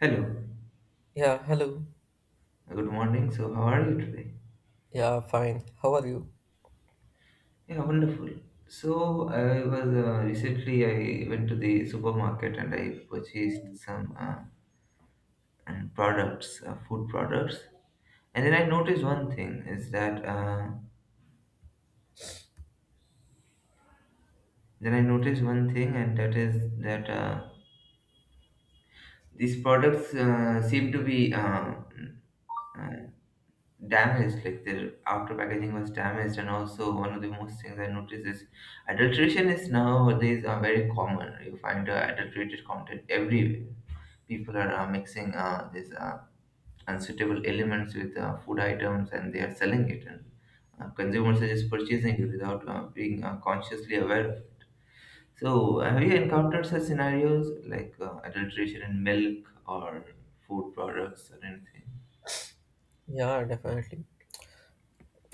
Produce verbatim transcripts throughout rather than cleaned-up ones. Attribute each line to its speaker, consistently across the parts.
Speaker 1: Hello,
Speaker 2: Yeah, hello.
Speaker 1: good morning. So, how are you today?
Speaker 2: Yeah, fine. How are you?
Speaker 1: Yeah, wonderful. So, I was uh, recently I went to the supermarket and I purchased some uh, and products, uh, food products. And then I noticed one thing is that uh, then I noticed one thing, and that is that uh, these products uh, seem to be uh, uh, damaged, like their outer packaging was damaged. And also one of the most things I noticed is adulteration is nowadays are very common. You find uh, adulterated content everywhere. People are uh, mixing uh, these uh, unsuitable elements with uh, food items, and they are selling it, and uh, consumers are just purchasing it without uh, being uh, consciously aware of it. So have you encountered such scenarios like uh, adulteration in milk or food products or anything?
Speaker 2: Yeah, definitely.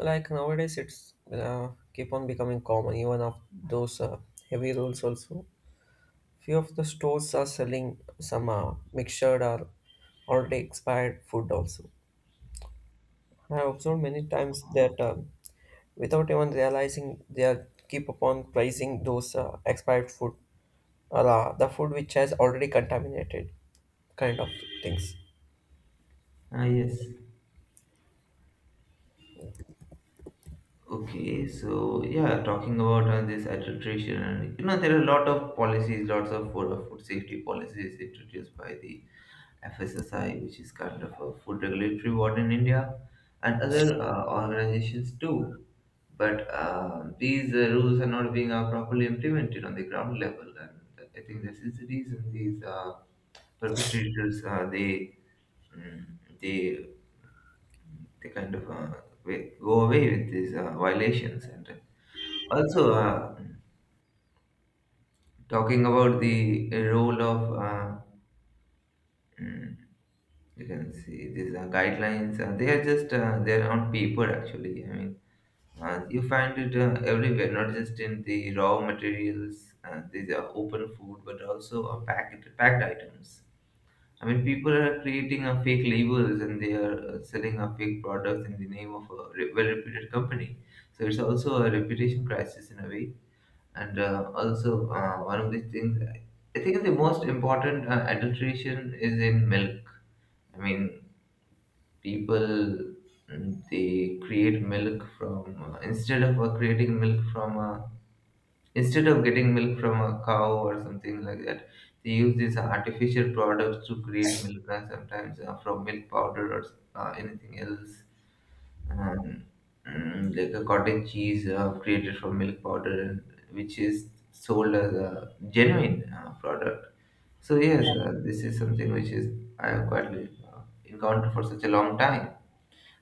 Speaker 2: Like nowadays, it's uh, keep on becoming common, even of those uh, heavy rolls also. Few of the stores are selling some uh, mixtured or already expired food also. I observed many times that um, without even realizing, they are keep upon pricing those uh, expired food or uh, the food which has already contaminated kind of things.
Speaker 1: Ah, yes. Okay, so yeah, talking about uh, this adulteration, and you know, there are a lot of policies, lots of food, uh, food safety policies introduced by the F S S I, which is kind of a food regulatory board in India, and other uh, organizations too. But uh, these uh, rules are not being uh, properly implemented on the ground level, and I think this is the reason these uh, perpetrators uh, they mm, they they kind of uh, wa- go away with these uh, violations. And also, uh, talking about the role of uh, mm, you can see these uh, guidelines. Uh, they are just uh, they're on paper actually. I mean, uh, you find it uh, everywhere, not just in the raw materials. Uh, these are open food, but also uh, packed packed items. I mean, people are creating uh, fake labels and they are uh, selling uh, fake products in the name of a re- well-reputed company. So it's also a reputation crisis in a way. And uh, also, uh, one of the things, I think the most important uh, adulteration is in milk. I mean, people mm, they create milk from uh, instead of uh, creating milk from a, instead of getting milk from a cow or something like that. They use these artificial products to create milk, and sometimes uh, from milk powder or uh, anything else. um, mm, like a cottage cheese uh, created from milk powder, and which is sold as a genuine uh, product. So yes, uh, this is something which is, I have quite uh, encountered for such a long time,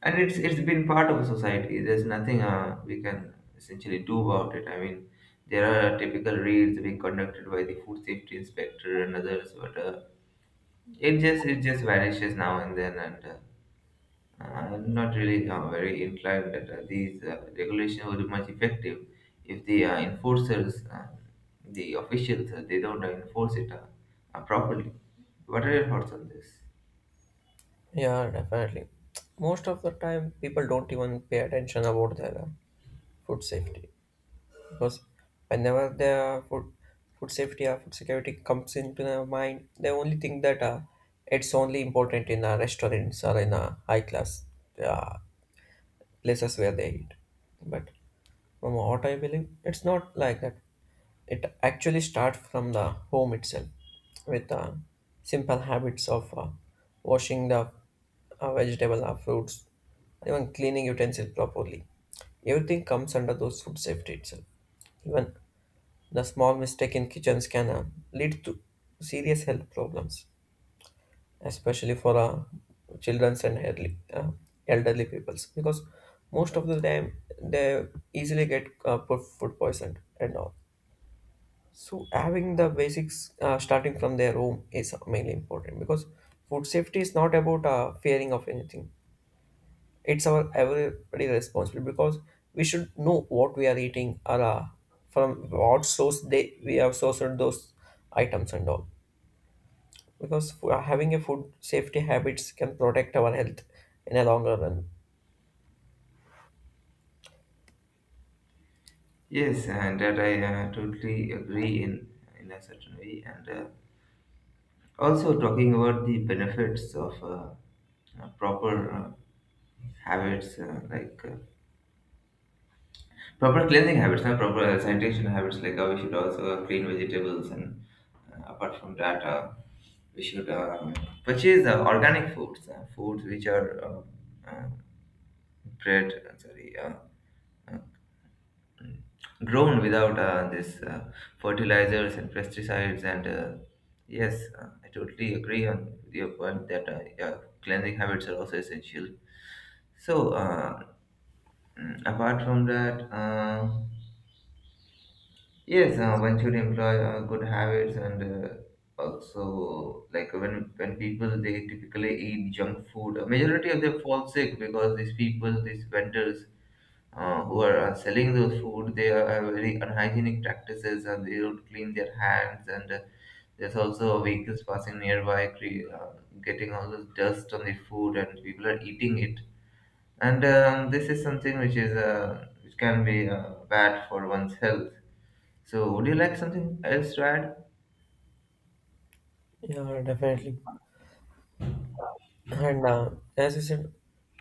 Speaker 1: and it's it's been part of society. There's nothing uh, we can essentially do about it. I mean, there are typical raids being conducted by the food safety inspector and others, but uh, it just it just vanishes now and then, and uh, I'm not really uh, very inclined that uh, these uh, regulations would be much effective if the uh, enforcers, uh, the officials, uh, they don't uh, enforce it uh, uh, properly. What are your thoughts on this?
Speaker 2: Yeah, definitely. Most of the time, people don't even pay attention about their uh, food safety because whenever their food food safety or food security comes into their mind, they only think that uh, it's only important in uh, restaurants or in uh, high class. Uh, Places where they eat. But from what I believe, it's not like that. It actually starts from the home itself with uh, simple habits of uh, washing the uh, vegetable or fruits, even cleaning utensils properly. Everything comes under those food safety itself. Even the small mistake in kitchens can uh, lead to serious health problems, especially for uh, childrens and elderly, uh, elderly peoples, because most of the time they easily get uh, po- food poisoned and all. So having the basics uh, starting from their home is mainly important, because food safety is not about uh, fearing of anything. It's our everybody responsibility, because we should know what we are eating or uh, from what source they we have sourced those items and all, because fo- uh, having a food safety habits can protect our health in a longer run.
Speaker 1: Yes, and that I uh, totally agree in in a certain way. And uh, also talking about the benefits of uh, uh, proper uh, habits, uh, like uh, proper cleansing habits, and proper uh, sanitation habits. Like uh, we should also clean vegetables, and uh, apart from that, uh, we should uh, purchase uh, organic foods, uh, foods which are uh, uh, bred, uh, sorry, uh, uh, grown without uh, this uh, fertilizers and pesticides. And uh, yes, uh, I totally agree on your point that uh, yeah, cleansing habits are also essential. So, uh, mm, apart from that, uh, yes, uh, one should employ uh, good habits. And uh, also, like when when people, they typically eat junk food, a majority of them fall sick because these people, these vendors uh, who are uh, selling those food, they are have very unhygienic practices and they don't clean their hands, and uh, there's also vehicles passing nearby, cre- uh, getting all this dust on the food and people are eating it. And um, this is something which is uh, which can be uh, bad for one's health. So, would you like something else to add?
Speaker 2: Yeah, definitely. And uh, as you said,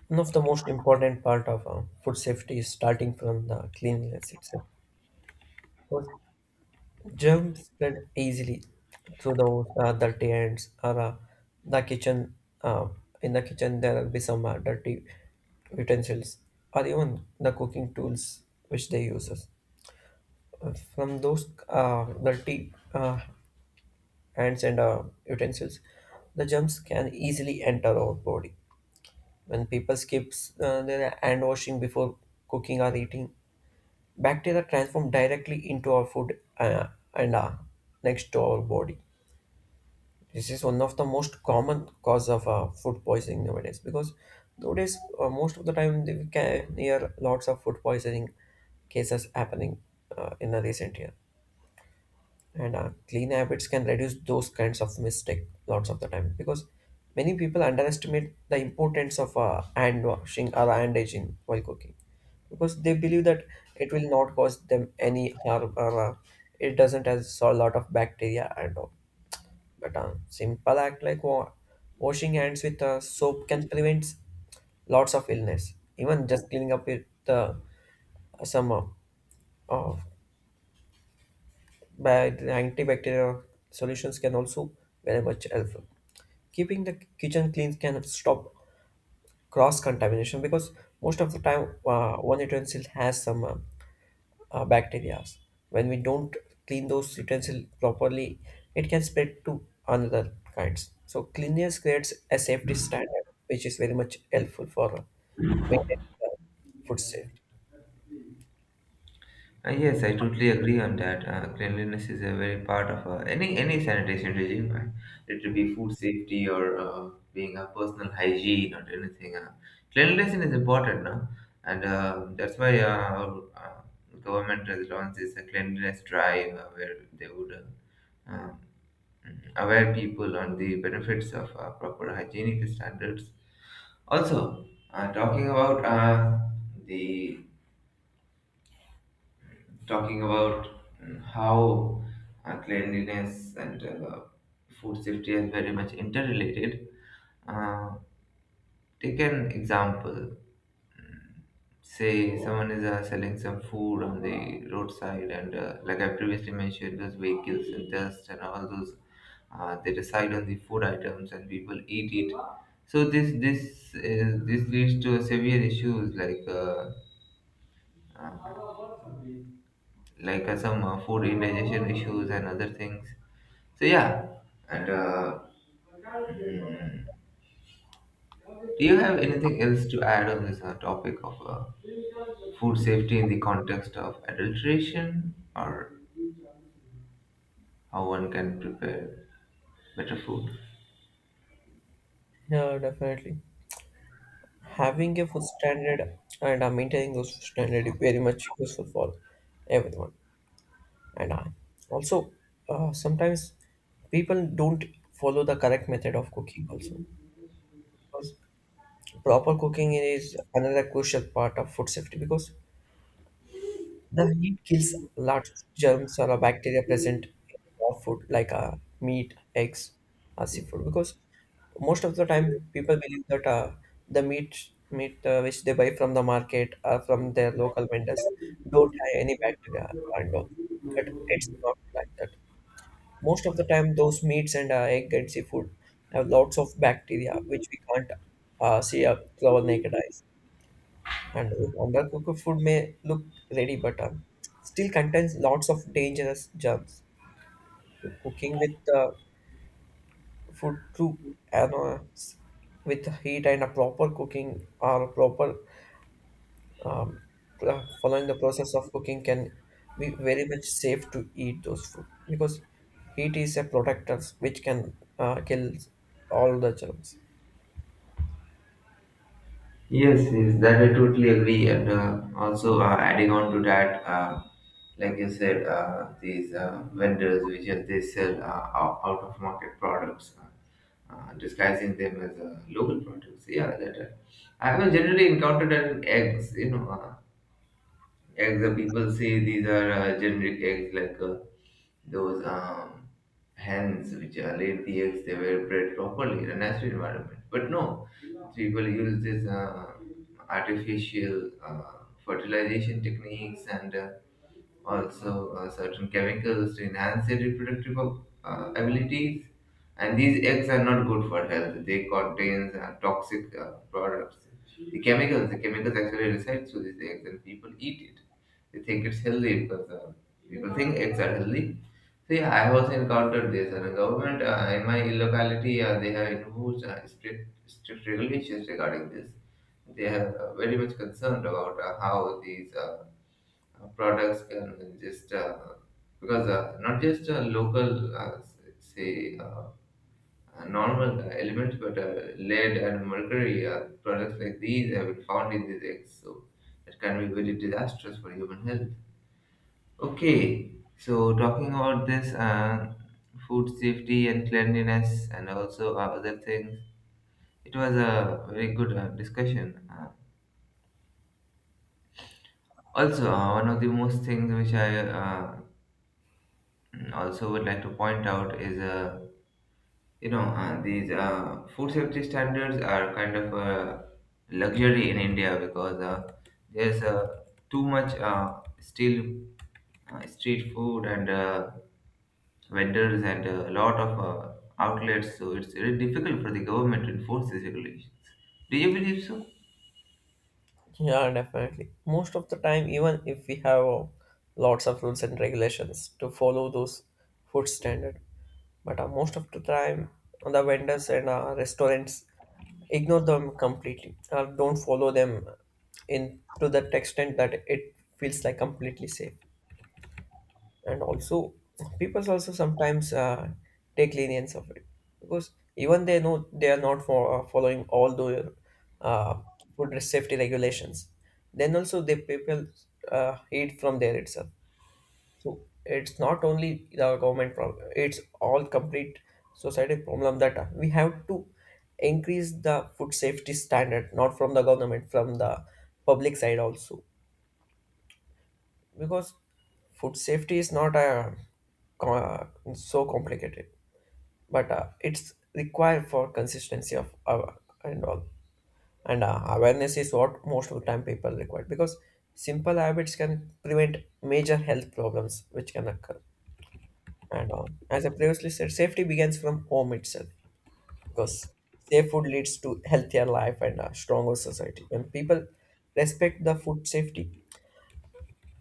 Speaker 2: one of the most important part of uh, food safety is starting from the cleanliness itself. Because germs spread easily through those uh, dirty hands or uh, the kitchen. Uh, in the kitchen, there will be some uh, dirty utensils or even the cooking tools which they use. From those uh, dirty uh, hands and arm utensils, the germs can easily enter our body. When people skip uh, their hand washing before cooking or eating, bacteria transform directly into our food uh, and uh, next to our body. This is one of the most common cause of uh, food poisoning nowadays, because nowadays uh, most of the time we can hear lots of food poisoning cases happening uh, in the recent years. And uh, clean habits can reduce those kinds of mistake lots of the time, because many people underestimate the importance of uh, hand washing or hand aging while cooking, because they believe that it will not cause them any harm or uh, it doesn't has a lot of bacteria and all. But uh, simple act like wa- washing hands with uh, soap can prevent lots of illness, even just cleaning up with uh, some uh, uh, but antibacterial solutions can also very much helpful. Keeping the kitchen clean can stop cross contamination, because most of the time uh, one utensil has some uh, uh, bacteria. When we don't clean those utensils properly, it can spread to another kinds. So cleanliness creates a safety standard, which is very much helpful for uh, maintaining the food safety.
Speaker 1: Uh, yes, I totally agree on that. Uh, cleanliness is a very part of uh, any any sanitation regime. Uh, it will be food safety or uh, being a personal hygiene or anything. Uh, cleanliness is important, no? And uh, that's why uh, our uh, government has launched this uh, cleanliness drive uh, where they would uh, um, aware people on the benefits of uh, proper hygienic standards. Also, uh, talking about uh, the talking about mm, how uh, cleanliness and uh, food safety are very much interrelated. Uh, take an example. Mm, Say someone is uh, selling some food on the roadside, and uh, like I previously mentioned, those vehicles and dust and all those, uh, they decide on the food items and people eat it. So this this is, this leads to severe issues like uh, uh, like uh, some uh, food indigestion issues and other things. So yeah, and uh, mm, do you have anything else to add on this uh, topic of uh, food safety in the context of adulteration, or how one can prepare better food?
Speaker 2: Yeah, definitely. Having a food standard and uh, maintaining those food standard is very much useful for everyone. And uh, also uh, sometimes people don't follow the correct method of cooking also, because proper cooking is another crucial part of food safety, because the heat kills large germs or bacteria present in raw food like uh, meat, eggs, or seafood. Because most of the time, people believe that uh, the meat meat uh, which they buy from the market or from their local vendors don't have any bacteria and all. But it's not like that. Most of the time, those meats and uh, egg and seafood have lots of bacteria which we can't uh, see uh, through our naked eyes. And undercooked food may look ready, but uh, still contains lots of dangerous germs. So cooking with uh, food through you know, s- with heat and a proper cooking or proper um, pl- following the process of cooking can be very much safe to eat those food, because heat is a protector which can uh, kill all the germs.
Speaker 1: Yes, yes, that I totally agree. And uh, also uh, adding on to that, uh, like you said, uh, these uh, vendors which are, they sell uh, out of market products, uh, uh, disguising them as uh, local products. Yeah, that uh, I have generally encountered an eggs. You know, uh, eggs. Uh, people say these are uh, generic eggs, like. Uh, those um, hens which uh, laid the eggs, they were bred properly in a natural environment. But no, people use this uh, artificial uh, fertilization techniques, and uh, also uh, certain chemicals to enhance their reproductive uh, abilities. And these eggs are not good for health. They contain uh, toxic uh, products. The chemicals, the chemicals actually reside through these eggs, and people eat it. They think it's healthy because uh, people think eggs are healthy. See, I was encountered this, and the government uh, in my locality, uh, they have imposed uh, strict, strict regulations regarding this. They have uh, very much concerned about uh, how these uh, uh, products can just uh, because uh, not just uh, local, uh, s- say, uh, uh, normal uh, elements, but uh, lead and mercury uh, products like these have been found in these eggs, so it can be very disastrous for human health. Okay, so talking about this uh, food safety and cleanliness and also uh, other things, it was a very good uh, discussion. Uh, also, uh, one of the most things which I uh, also would like to point out is, uh, you know, uh, these uh, food safety standards are kind of a luxury in India because uh, there's uh, too much uh, still uh, street food and uh, vendors and uh, a lot of uh, outlets. So it's very difficult for the government to enforce these regulations. Do you believe so?
Speaker 2: Yeah, definitely. Most of the time, even if we have uh, lots of rules and regulations to follow those food standard, but uh, most of the time, the vendors and uh, restaurants ignore them completely or don't follow them in to the extent that it feels like completely safe. And also people also sometimes uh, take lenience of it, because even they know they are not for, uh, following all the uh, food safety regulations, then also the people uh, eat from there itself. So it's not only the government problem, it's all complete society problem, that uh, we have to increase the food safety standard not from the government, from the public side also. Because food safety is not a co- so complicated, but uh, it's required for consistency of uh, and all. And uh, awareness is what most of the time people require, because simple habits can prevent major health problems which can occur. And uh, as I previously said, safety begins from home itself, because safe food leads to healthier life and a stronger society. When people respect the food safety,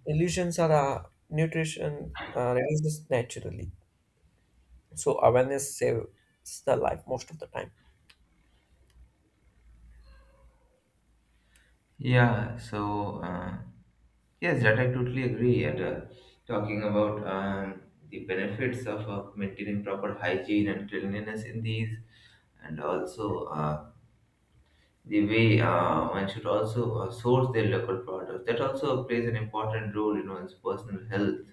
Speaker 2: illusions are uh, nutrition uh, releases naturally. So awareness saves the life most of the time.
Speaker 1: Yeah. So uh, yes, that I totally agree. And uh, talking about um, the benefits of uh, maintaining proper hygiene and cleanliness in these, and also uh, the way uh, one should also uh, source their local products. That also plays an important role in one's personal health.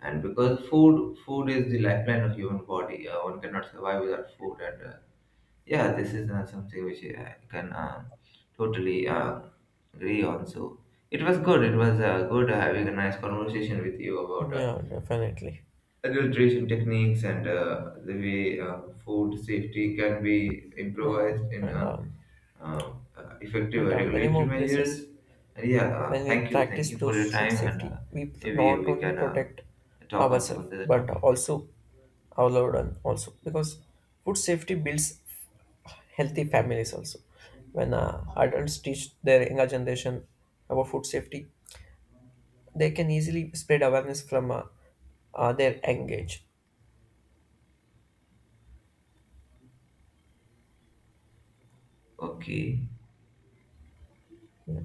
Speaker 1: And because food food is the lifeline of human body, uh, one cannot survive without food. And uh, yeah, this is uh, something which uh, I can uh, totally uh, agree on. So it was good, it was uh, good uh, having a nice conversation with you about uh,
Speaker 2: Yeah, definitely.
Speaker 1: adulteration techniques and uh, the way uh, food safety can be
Speaker 2: You know,
Speaker 1: improvised in
Speaker 2: and
Speaker 1: uh,
Speaker 2: um,
Speaker 1: um, uh, effective
Speaker 2: at uh, many
Speaker 1: regulatory
Speaker 2: more places,
Speaker 1: measures. And yeah,
Speaker 2: when
Speaker 1: uh,
Speaker 2: we
Speaker 1: thank you thank
Speaker 2: practice
Speaker 1: you for your
Speaker 2: those food
Speaker 1: time. And uh,
Speaker 2: safety, we pr-
Speaker 1: maybe
Speaker 2: not
Speaker 1: we
Speaker 2: only
Speaker 1: can uh,
Speaker 2: protect
Speaker 1: talk on some
Speaker 2: ourselves
Speaker 1: other
Speaker 2: but
Speaker 1: topic.
Speaker 2: also our loved one also, because food safety builds healthy families also. When uh, adults teach their younger generation about food safety, they can easily spread awareness from uh, uh, their engage.
Speaker 1: Okay.
Speaker 2: Yeah.